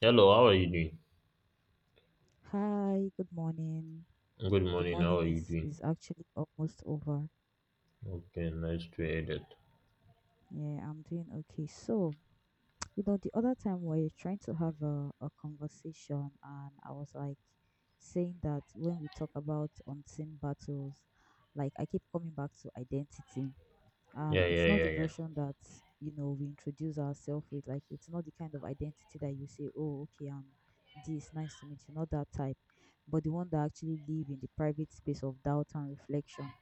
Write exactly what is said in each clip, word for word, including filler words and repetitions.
Hello, how are you doing? Hi, good morning. Good The morning, how morning are you is doing? is actually almost over. Okay, nice to hear that. Yeah, I'm doing okay. So, you know, the other time we were trying to have a, a conversation, and I was like saying that when we talk about unseen battles, like I keep coming back to identity. um Yeah, yeah, it's not yeah, the yeah. version that you know we introduce ourselves with, like it's not the kind of identity that you say, oh, okay, I'm this, nice to meet you, not that type, but the one that actually live in the private space of doubt and reflection.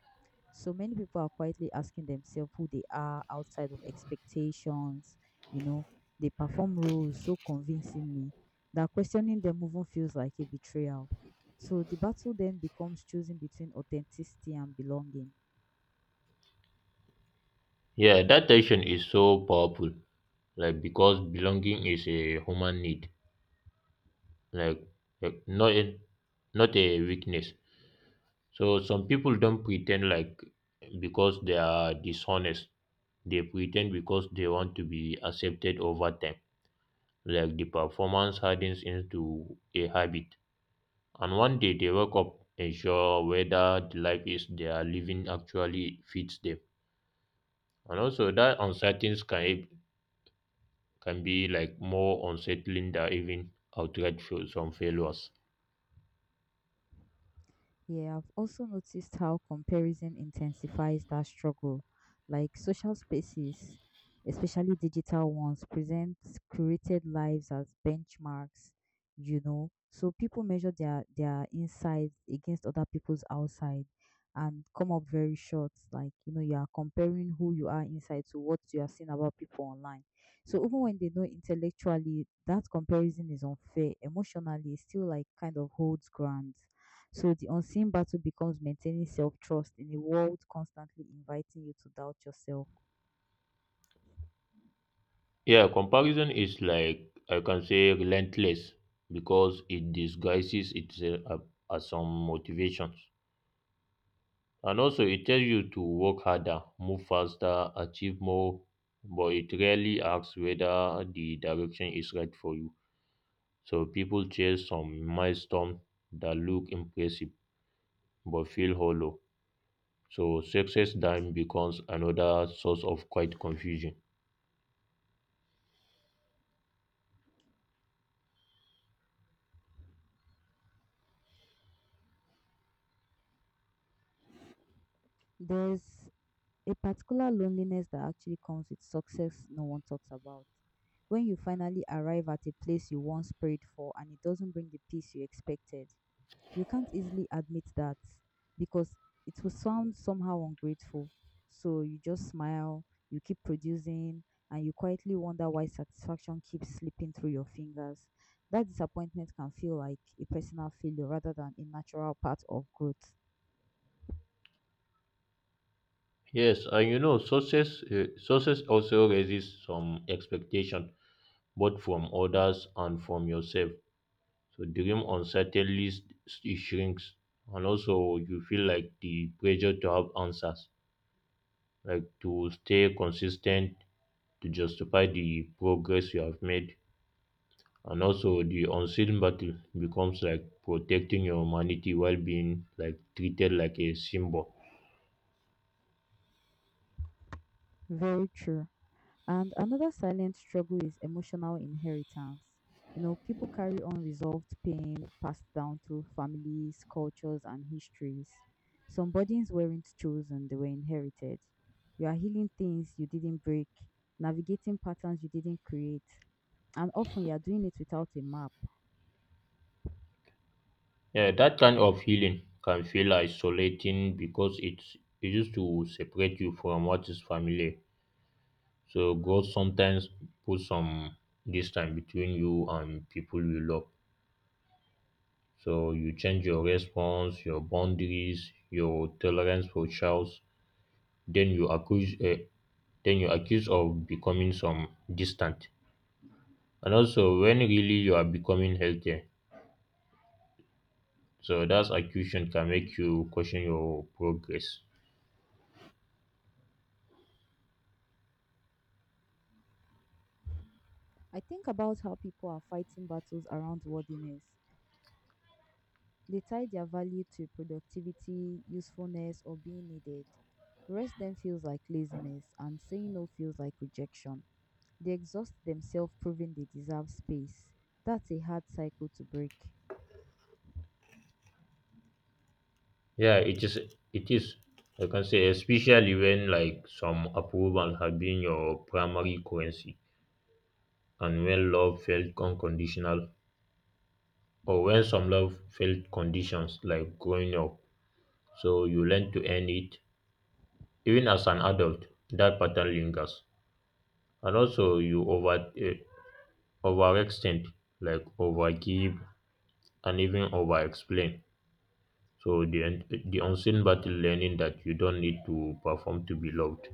So many people are quietly asking themselves who they are outside of expectations. you know they perform roles so convincingly that questioning them even feels like a betrayal. So the battle then becomes choosing between authenticity and belonging. Yeah, that tension is so powerful. Like because belonging is a human need. Like, like not a, not a weakness. So some people don't pretend like because they are dishonest. They pretend because they want to be accepted over time. Like the performance hardens into a habit. And one day they wake up unsure whether the life is they are living actually fits them. And also that uncertainty can e-, can be like more unsettling than even outright fa- some failures. Yeah, I've also noticed how comparison intensifies that struggle. Like social spaces, especially digital ones, present curated lives as benchmarks, you know. So people measure their their insides against other people's outside and come up very short. Like, you know, you are comparing who you are inside to what you are seeing about people online. So even when they know intellectually that comparison is unfair, emotionally it still like kind of holds ground. So the unseen battle becomes maintaining self-trust in a world constantly inviting you to doubt yourself. Yeah, comparison is like I can say relentless because it disguises itself as some motivations. And also it tells you to work harder, move faster, achieve more, but it rarely asks whether the direction is right for you. So people chase some milestone that look impressive but feel hollow. So success then becomes another source of quite confusion. There's a particular loneliness that actually comes with success no one talks about. When you finally arrive at a place you once prayed for and it doesn't bring the peace you expected, you can't easily admit that because it will sound somehow ungrateful. So you just smile, you keep producing, and you quietly wonder why satisfaction keeps slipping through your fingers. That disappointment can feel like a personal failure rather than a natural part of growth. Yes, and you know, success uh, success also raises some expectation, both from others and from yourself. So dream uncertainly s- it shrinks, and also you feel like the pressure to have answers, like to stay consistent, to justify the progress you have made. And also, the unseen battle becomes like protecting your humanity while being like treated like a symbol. Very true. And another silent struggle is emotional inheritance. You know, people carry unresolved pain passed down through families, cultures, and histories. Some burdens weren't chosen, they were inherited. You are healing things you didn't break, navigating patterns you didn't create, and often you are doing it without a map. Yeah, that kind of healing can feel isolating because it's it used to separate you from what is familiar. So God sometimes puts some distance between you and people you love. So you change your response, your boundaries, your tolerance for chaos. Then you accuse, uh, then you accuse of becoming some distant. And also, when really you are becoming healthier, so that accusation can make you question your progress. I think about how people are fighting battles around worthiness. They tie their value to productivity, usefulness, or being needed. Rest then feels like laziness, and saying no feels like rejection. They exhaust themselves proving they deserve space. That's a hard cycle to break. Yeah, it is. It is. I can say, especially when like some approval have been your primary currency, and when love felt unconditional, or when some love felt conditions like growing up, so you learn to earn it. Even as an adult, that pattern lingers, and also you over uh, overextend, like overgive, and even overexplain. So the un- the unseen battle learning that you don't need to perform to be loved.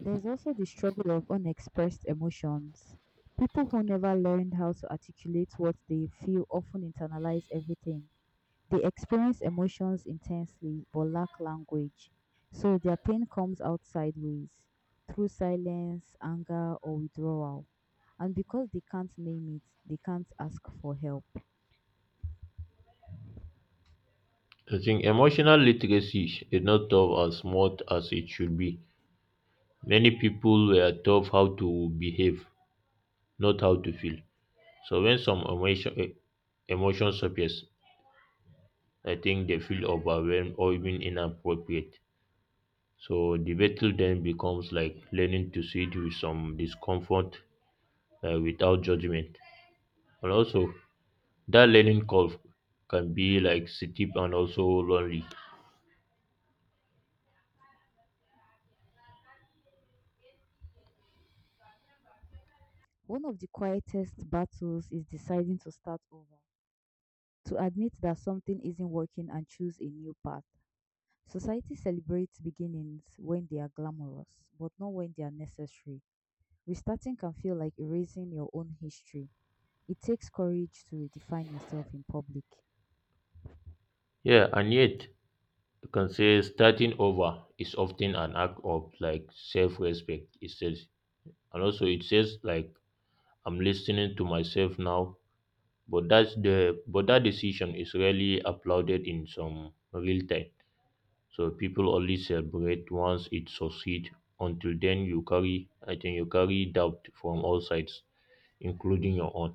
There's also the struggle of unexpressed emotions. People who never learned how to articulate what they feel often internalize everything. They experience emotions intensely but lack language, so their pain comes out sideways through silence, anger, or withdrawal. And because they can't name it, they can't ask for help. I think emotional literacy is not taught as much as it should be. Many people were taught how to behave, not how to feel. So when some emotion, eh, emotions appears, I think they feel overwhelmed or even inappropriate. So the battle then becomes like learning to sit with some discomfort uh, without judgment. And also, that learning curve can be like steep and also lonely. One of the quietest battles is deciding to start over, to admit that something isn't working and choose a new path. Society celebrates beginnings when they are glamorous, but not when they are necessary. Restarting can feel like erasing your own history. It takes courage to redefine yourself in public. Yeah, and yet you can say starting over is often an act of like self-respect. It says, and also it says like I'm listening to myself now. But that's the but that decision is rarely applauded in some real time. So people only celebrate once it succeeds. Until then, you carry I think you carry doubt from all sides, including your own.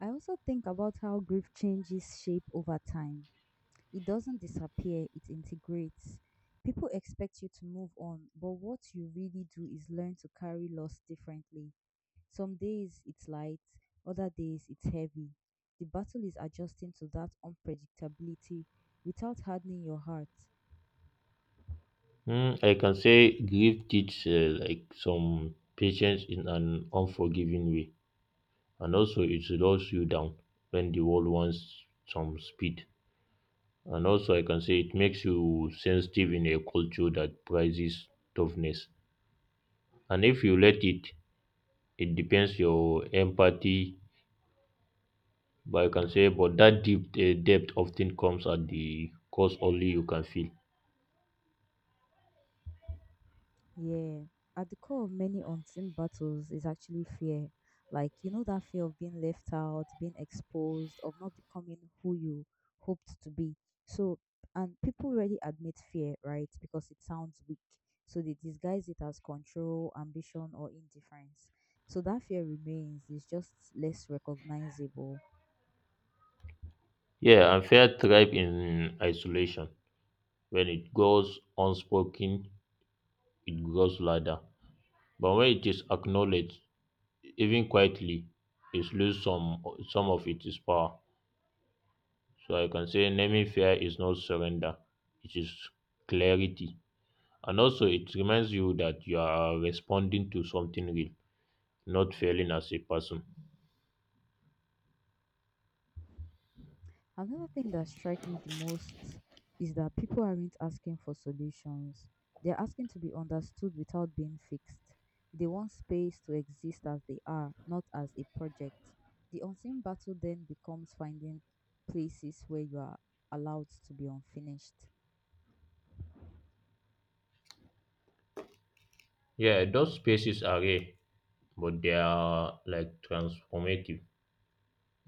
I also think about how grief changes shape over time. It doesn't disappear, it integrates. People expect you to move on, but what you really do is learn to carry loss differently. Some days it's light, other days it's heavy. The battle is adjusting to that unpredictability without hardening your heart. Mm, I can say grief teaches uh, like some patience in an unforgiving way, and also it slows you down when the world wants some speed. And also, I can say it makes you sensitive in a culture that prizes toughness. And if you let it, it depends your empathy. But I can say, but that deep uh, depth often comes at the cost only you can feel. Yeah. At the core of many unseen battles is actually fear. Like, you know, that fear of being left out, being exposed, of not becoming who you hoped to be. So, and people really admit fear, right? Because it sounds weak. So they disguise it as control, ambition, or indifference. So that fear remains, it's just less recognizable. Yeah, and fear thrive in isolation when it goes unspoken it grows louder. But when it is acknowledged, even quietly, it loses some some of its power. So I can say naming fear is not surrender; it is clarity. And also, it reminds you that you are responding to something real, not failing as a person. Another thing that strikes me the most is that people aren't asking for solutions. They're asking to be understood without being fixed. They want space to exist as they are, not as a project. The unseen battle then becomes finding places where you are allowed to be unfinished. Yeah, those spaces are rare, but they are like transformative.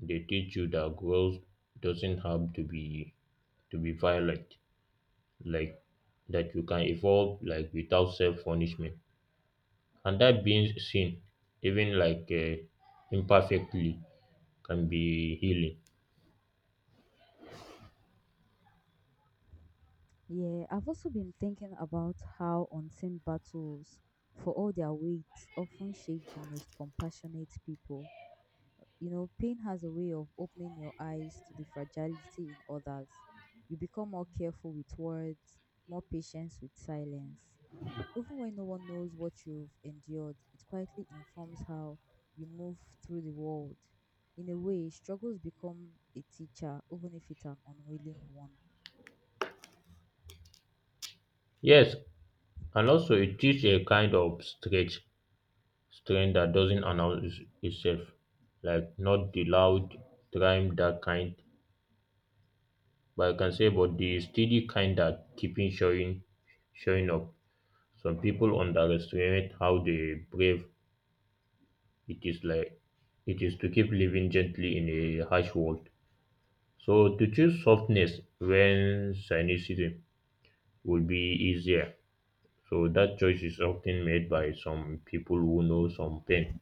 They teach you that growth doesn't have to be to be violent. Like that you can evolve like without self punishment, and that being seen even like uh, imperfectly can be healing. Yeah, I've also been thinking about how unseen battles, for all their weight, often shape the most compassionate people. You know, pain has a way of opening your eyes to the fragility in others. You become more careful with words, more patient with silence. Even when no one knows what you've endured, it quietly informs how you move through the world. In a way, struggles become a teacher, even if it's an unwilling one. Yes, and also it teach a kind of strength, strength that doesn't announce itself, like not the loud trying that kind, but I can say but the steady kind that keeping showing showing up. Some people underestimate how they brave. It is like it is to keep living gently in a harsh world. So to choose softness when cynicism would be easier. So that choice is often made by some people who know some pain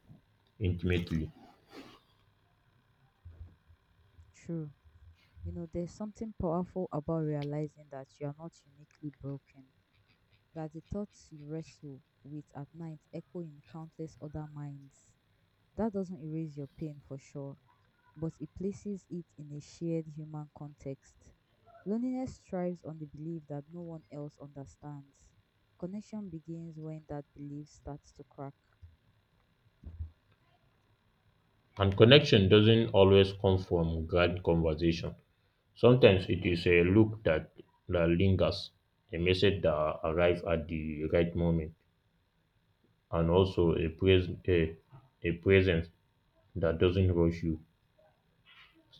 intimately. True. You know, there's something powerful about realizing that you are not uniquely broken, that the thoughts you wrestle with at night echo in countless other minds. That doesn't erase your pain for sure, but it places it in a shared human context. Loneliness thrives on the belief that no one else understands. Connection begins when that belief starts to crack. And connection doesn't always come from grand conversation. Sometimes it is a look that, that lingers, a message that arrives at the right moment, and also a, pres- a, a presence that doesn't rush you.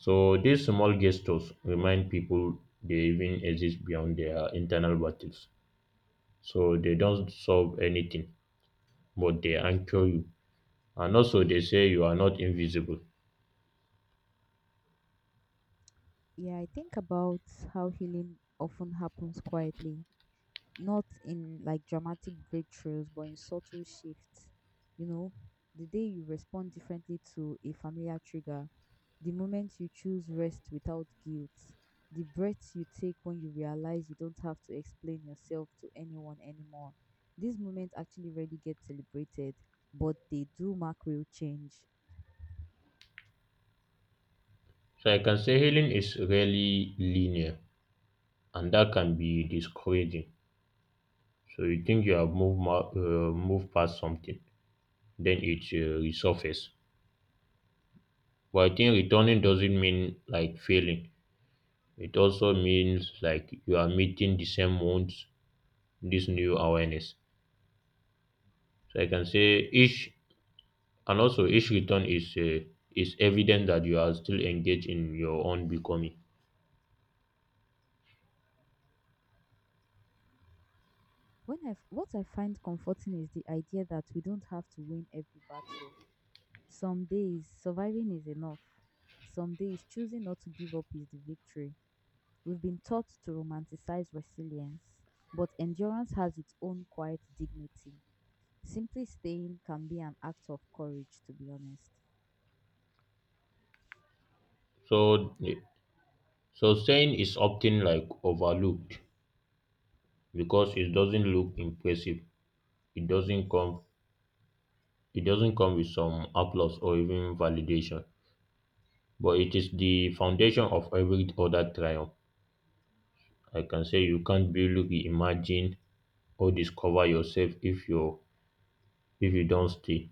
So these small gestures remind people they even exist beyond their internal battles. So they don't solve anything, but they anchor you. And also they say you are not invisible. Yeah, I think about how healing often happens quietly, not in like dramatic breakthroughs, but in subtle shifts. You know, the day you respond differently to a familiar trigger, the moment you choose rest without guilt, the breath you take when you realize you don't have to explain yourself to anyone anymore. These moments actually rarely get celebrated, but they do mark real change. So I can say healing is really linear, and that can be discouraging. So you think you have moved ma- uh, moved past something, then it uh, resurfaces. But I think returning doesn't mean like failing. It also means like you are meeting the same wounds, this new awareness. So I can say each, and also each return is uh, is evidence that you are still engaged in your own becoming. When I, f- what I find comforting is the idea that we don't have to win every battle. Some days, surviving is enough. Some days, choosing not to give up is the victory. We've been taught to romanticize resilience, but endurance has its own quiet dignity. Simply staying can be an act of courage, to be honest. So so saying is often like overlooked because it doesn't look impressive. It doesn't come it doesn't come with some applause or even validation. But it is the foundation of every other triumph. I can say you can't really reimagine or discover yourself if you if you don't stay.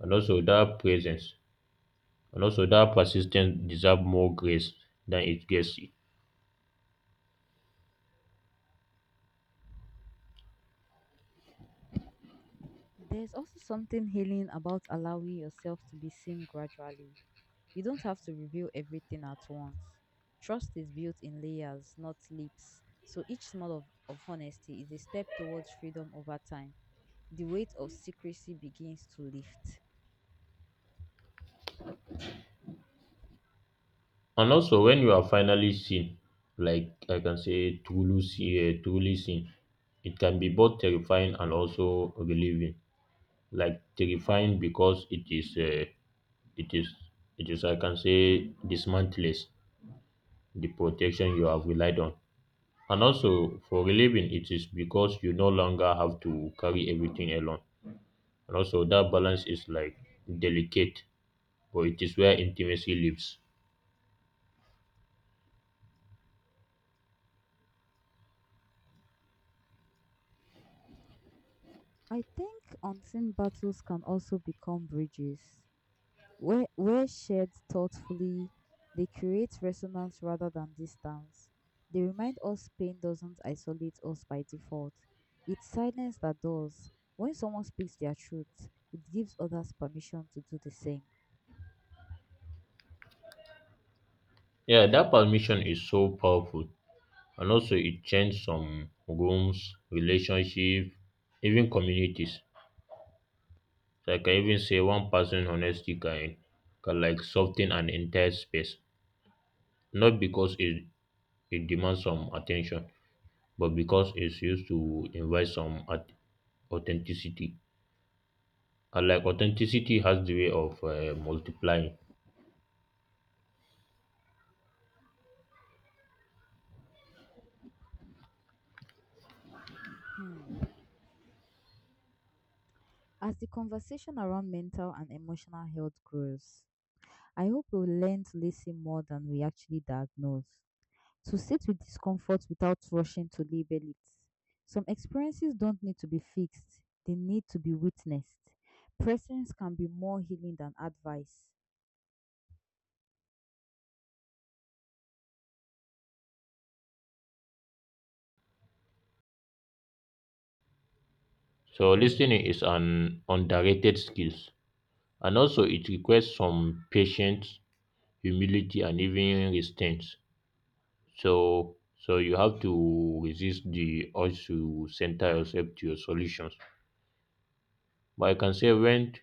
And also that presence, and also that persistence deserve more grace than it gets. There's also something healing about allowing yourself to be seen gradually. You don't have to reveal everything at once. Trust is built in layers, not leaps. So each small of, of honesty is a step towards freedom over time. The weight of secrecy begins to lift. And also when you are finally seen, like I can say truly see, uh, truly seen, it can be both terrifying and also relieving. Like terrifying because it is uh, it is it is I can say dismantles the protection you have relied on. And also for relieving it is because you no longer have to carry everything alone. And also that balance is like delicate but it is where intimacy lives. I think unseen battles can also become bridges. Where, where shared thoughtfully, they create resonance rather than distance. They remind us pain doesn't isolate us by default, it's silence that does. When someone speaks their truth, it gives others permission to do the same. Yeah, that permission is so powerful. And also, it changed some rooms, relationship, even communities. So I can even say one person honesty can, can like soften an entire space. Not because it, it demands some attention, but because it's used to invite some at- authenticity. And like authenticity has the way of uh, multiplying. Hmm. As the conversation around mental and emotional health grows, I hope we will learn to listen more than we actually diagnose. To sit with discomfort without rushing to label it. Some experiences don't need to be fixed, they need to be witnessed. Presence can be more healing than advice. So listening is an underrated skill. And also, it requires some patience, humility, and even restraint. So, so you have to resist the urge to center yourself to your solutions. But I can say when,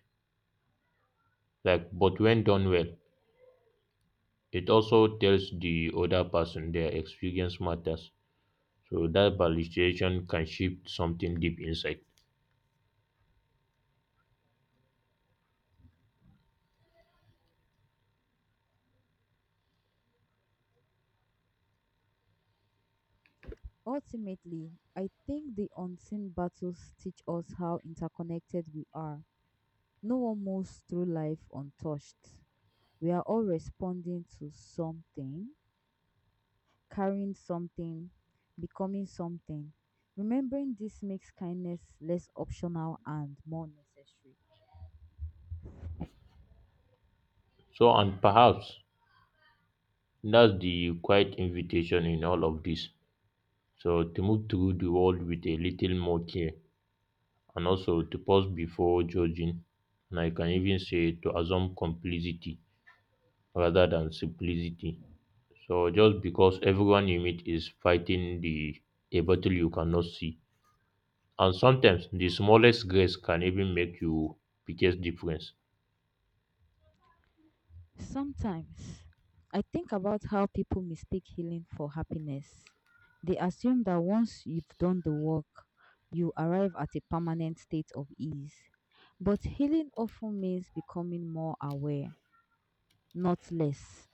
like, but when done well, it also tells the other person their experience matters. So that validation can shift something deep inside. Ultimately, I think the unseen battles teach us how interconnected we are. No one moves through life untouched. We are all responding to something, carrying something, becoming something. Remembering this makes kindness less optional and more necessary. So, and perhaps that's the quiet invitation in all of this. So to move through the world with a little more care and also to pause before judging, and I can even say to assume complicity rather than simplicity. So just because everyone you meet is fighting the a battle you cannot see. And sometimes the smallest grace can even make you biggest difference. Sometimes I think about how people mistake healing for happiness. They assume that once you've done the work, you arrive at a permanent state of ease. But healing often means becoming more aware, not less.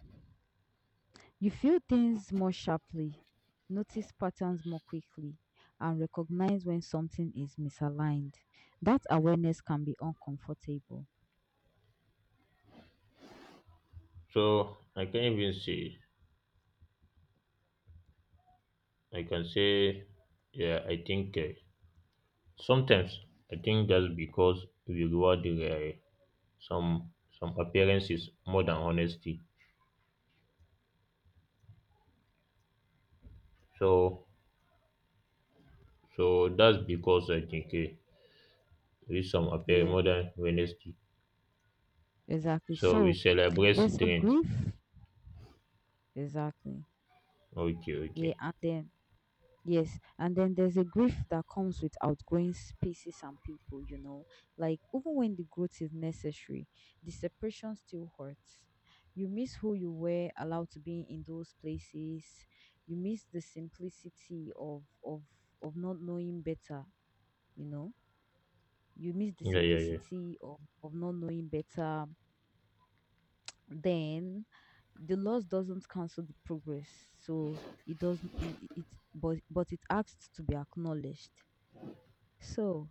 You feel things more sharply, notice patterns more quickly, and recognize when something is misaligned. That awareness can be uncomfortable. So I can even say I can say yeah I think uh, sometimes I think that's because we reward uh, some some appearances more than honesty. So so that's because I think eh, we some appear Yeah, more than Wednesday. exactly. So we So celebrate there's a strength. grief. Exactly. Okay, Yeah, okay. and then yes, and then there's a grief that comes with outgrowing spaces and people, you know. Like even when the growth is necessary, the separation still hurts. You miss who you were allowed to be in those places. You miss the simplicity of of of not knowing better, you know. You miss the Yeah, yeah, yeah. simplicity of, of not knowing better. Then the loss doesn't cancel the progress, so it doesn't it, it but but it asks to be acknowledged. So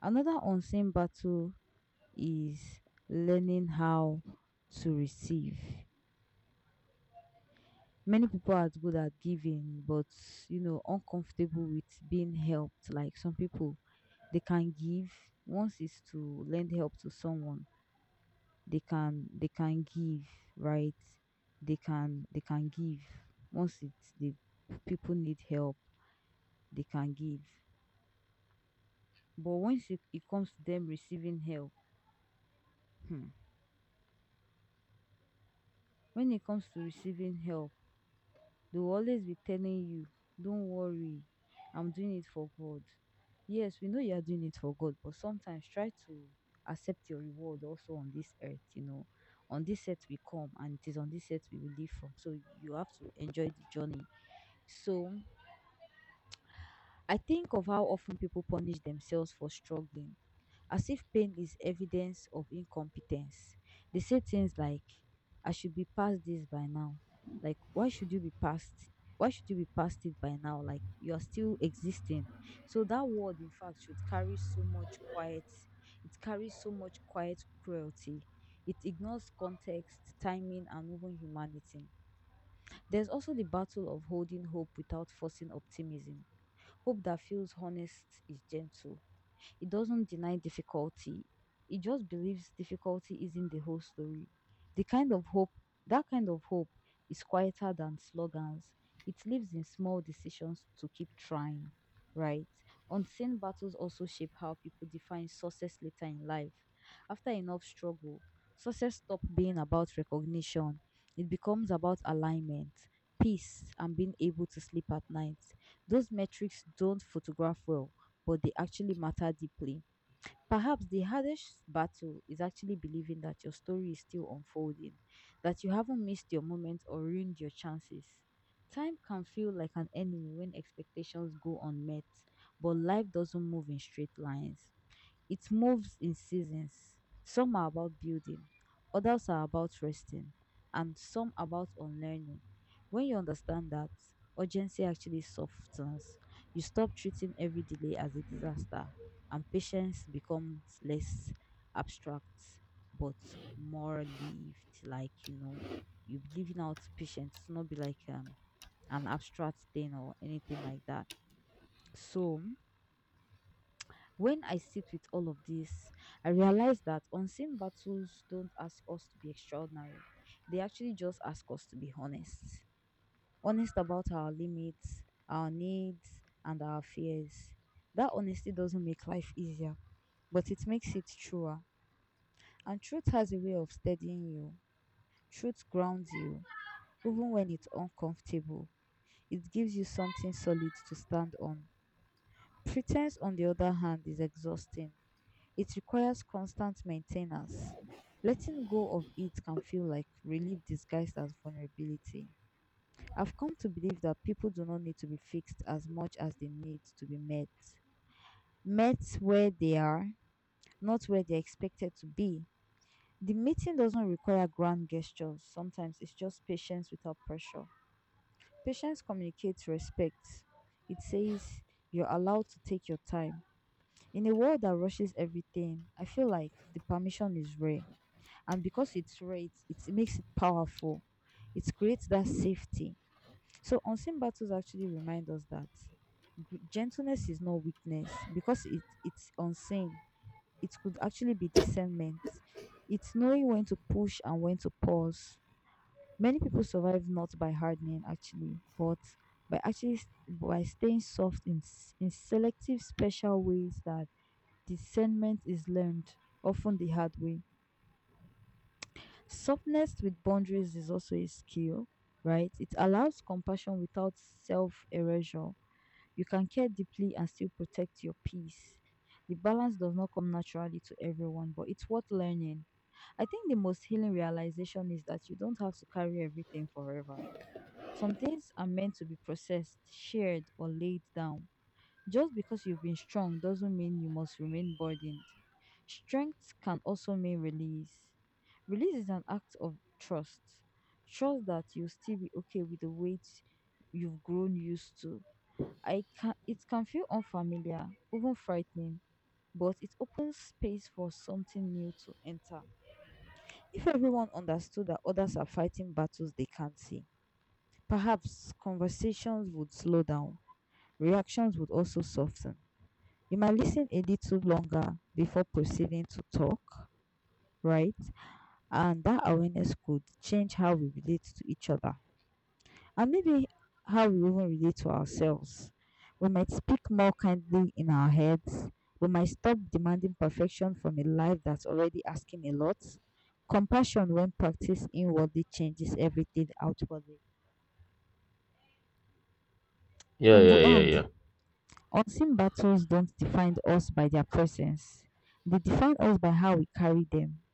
another unseen battle is learning how to receive. Many people are good at giving, but you know uncomfortable with being helped. Like, some people, they can give. Once is to lend help to someone, they can they can give, right? They can they can give. Once it's the people need help, they can give, but once it, it comes to them receiving help, hmm, when it comes to receiving help, they will always be telling you, don't worry, I'm doing it for God. Yes, we know you are doing it for God, but sometimes try to accept your reward also on this earth, you know. On this earth we come, and it is on this earth we will live from. So you have to enjoy the journey. So I think of how often people punish themselves for struggling, as if pain is evidence of incompetence. They say things like, I should be past this by now. Like, why should you be past? Why should you be past it by now? Like, you are still existing. So, that word, in fact, should carry so much quiet, it carries so much quiet cruelty. It ignores context, timing, and even humanity. There's also the battle of holding hope without forcing optimism. Hope that feels honest is gentle, it doesn't deny difficulty. It just believes difficulty isn't the whole story. The kind of hope, that kind of hope is quieter than slogans. It lives in small decisions to keep trying, right? Unseen battles also shape how people define success later in life. After enough struggle, success stops being about recognition. It becomes about alignment, peace, and being able to sleep at night. Those metrics don't photograph well but they actually matter deeply. Perhaps the hardest battle is actually believing that your story is still unfolding, that you haven't missed your moment or ruined your chances. Time can feel like an enemy when expectations go unmet, but life doesn't move in straight lines. It moves in seasons. Some are about building, others are about resting, and some about unlearning. When you understand that, urgency actually softens. You stop treating every delay as a disaster, and patience becomes less abstract but more lived. Like, you know, you living out patience, not be like um, an abstract thing or anything like that. So, when I sit with all of this, I realize that unseen battles don't ask us to be extraordinary. They actually just ask us to be honest. Honest about our limits, our needs, and our fears. That honesty doesn't make life easier, but it makes it truer. And truth has a way of steadying you. Truth grounds you, even when it's uncomfortable. It gives you something solid to stand on. Pretense, on the other hand, is exhausting. It requires constant maintenance. Letting go of it can feel like relief disguised as vulnerability. I've come to believe that people do not need to be fixed as much as they need to be met. Met where they are, not where they're expected to be. The meeting doesn't require grand gestures. Sometimes it's just patience without pressure. Patience communicates respect. It says you're allowed to take your time. In a world that rushes everything, I feel like the permission is rare. And because it's rare, it makes it powerful. It creates that safety. So unseen battles actually remind us that gr- gentleness is not weakness because it it's unseen. It could actually be discernment. It's knowing when to push and when to pause. Many people survive not by hardening actually, but by actually s- by staying soft in s- in selective special ways that discernment is learned often the hard way. Softness with boundaries is also a skill, right? It allows compassion without self erasure. You can care deeply and still protect your peace. The balance does not come naturally to everyone, but it's worth learning. I think the most healing realization is that you don't have to carry everything forever. Some things are meant to be processed, shared, or laid down. Just because you've been strong doesn't mean you must remain burdened. Strength can also mean release. Release is an act of trust. Trust that you'll still be okay with the weight you've grown used to. I can it can feel unfamiliar, even frightening, but it opens space for something new to enter. If everyone understood that others are fighting battles they can't see, perhaps conversations would slow down, reactions would also soften, you might listen a little longer before proceeding to talk, right? And that awareness could change how we relate to each other and maybe how we even relate to ourselves. We might speak more kindly in our heads. We might stop demanding perfection from a life that's already asking a lot. Compassion, when practiced inwardly, changes everything outwardly. Yeah, In the yeah, yeah, yeah. end, unseen battles don't define us by their presence, they define us by how we carry them.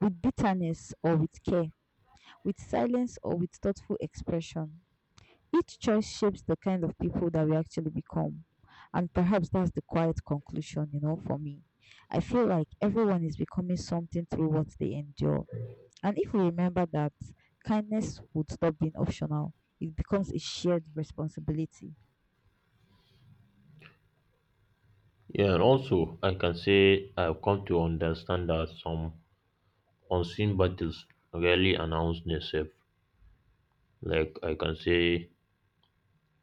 With bitterness or with care, with silence or with thoughtful expression. Each choice shapes the kind of people that we actually become. And perhaps that's the quiet conclusion, you know, for me. I feel like everyone is becoming something through what they endure. And if we remember that, kindness would stop being optional, it becomes a shared responsibility. Yeah, and also I can say I've come to understand that some unseen battles rarely announce themselves. Like I can say,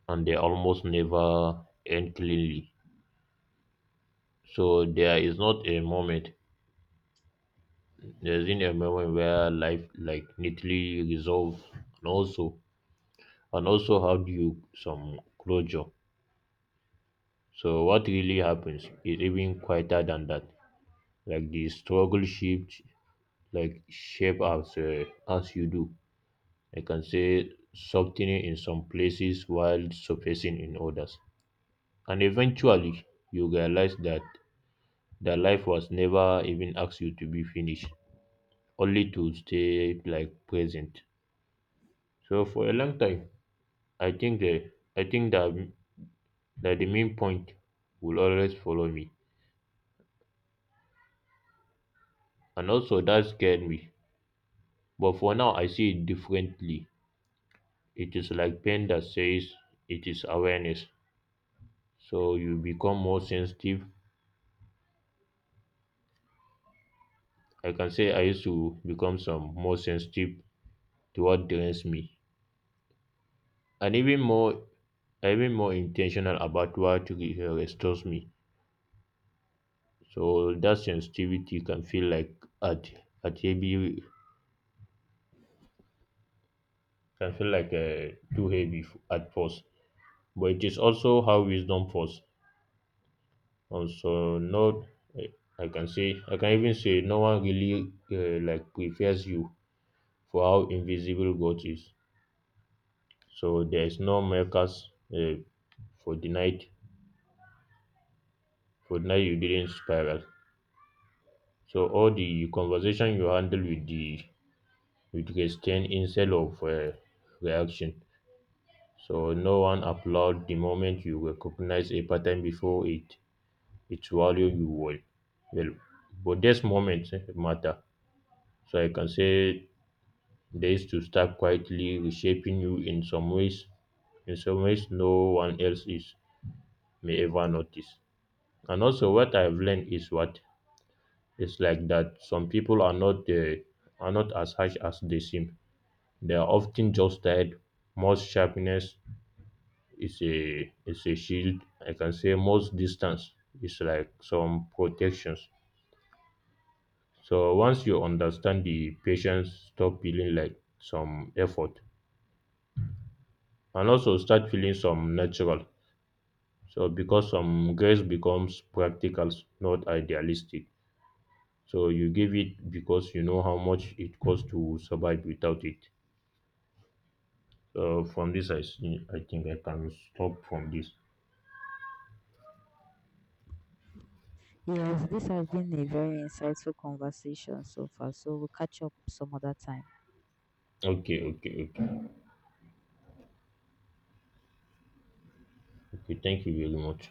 and they almost never end cleanly. So there is not a moment. There isn't a moment where life like neatly resolves. And also and also have you some closure. So what really happens is even quieter than that. Like the struggle shift, like shape as uh, as you do. I can say softening in some places while surfacing in others. And eventually, you realize that the life was never even asked you to be finished, only to stay like present. So for a long time, I think uh, I think that that the main point will always follow me. And also, that scared me. But for now, I see it differently. It is like pain that says it is awareness. So you become more sensitive. I can say I used to become some more sensitive to what drains me, and even more, even more intentional about what re- uh, restores me. So that sensitivity can feel like at at heavy, can feel like uh, too heavy f- at first, but it is also how wisdom falls. Also, no, I I can say, I can even say, no one really uh, like prepares you for how invisible God is. So there is no makers uh, for the night, for the night you didn't spiral. So all the conversation you handle with the with restraint instead of uh, reaction. So no one applaud the moment you recognize a pattern before it it swallow you well. Well, but this moment eh, matter. So I can say days to start quietly reshaping you in some ways in some ways no one else is may ever notice. And also what I've learned is what it's like that some people are not the are not as harsh as they seem. They are often just tired. Most sharpness is a is a shield. I can say most distance is like some protections. So once you understand the patience, stop feeling like some effort and also start feeling some natural. So because some grace becomes practical, not idealistic. So you give it because you know how much it costs to survive without it. So from this, I see, I think I can stop from this. Yes, this has been a very insightful conversation so far, so we'll catch up some other time. Okay, okay, okay, okay. Thank you very much.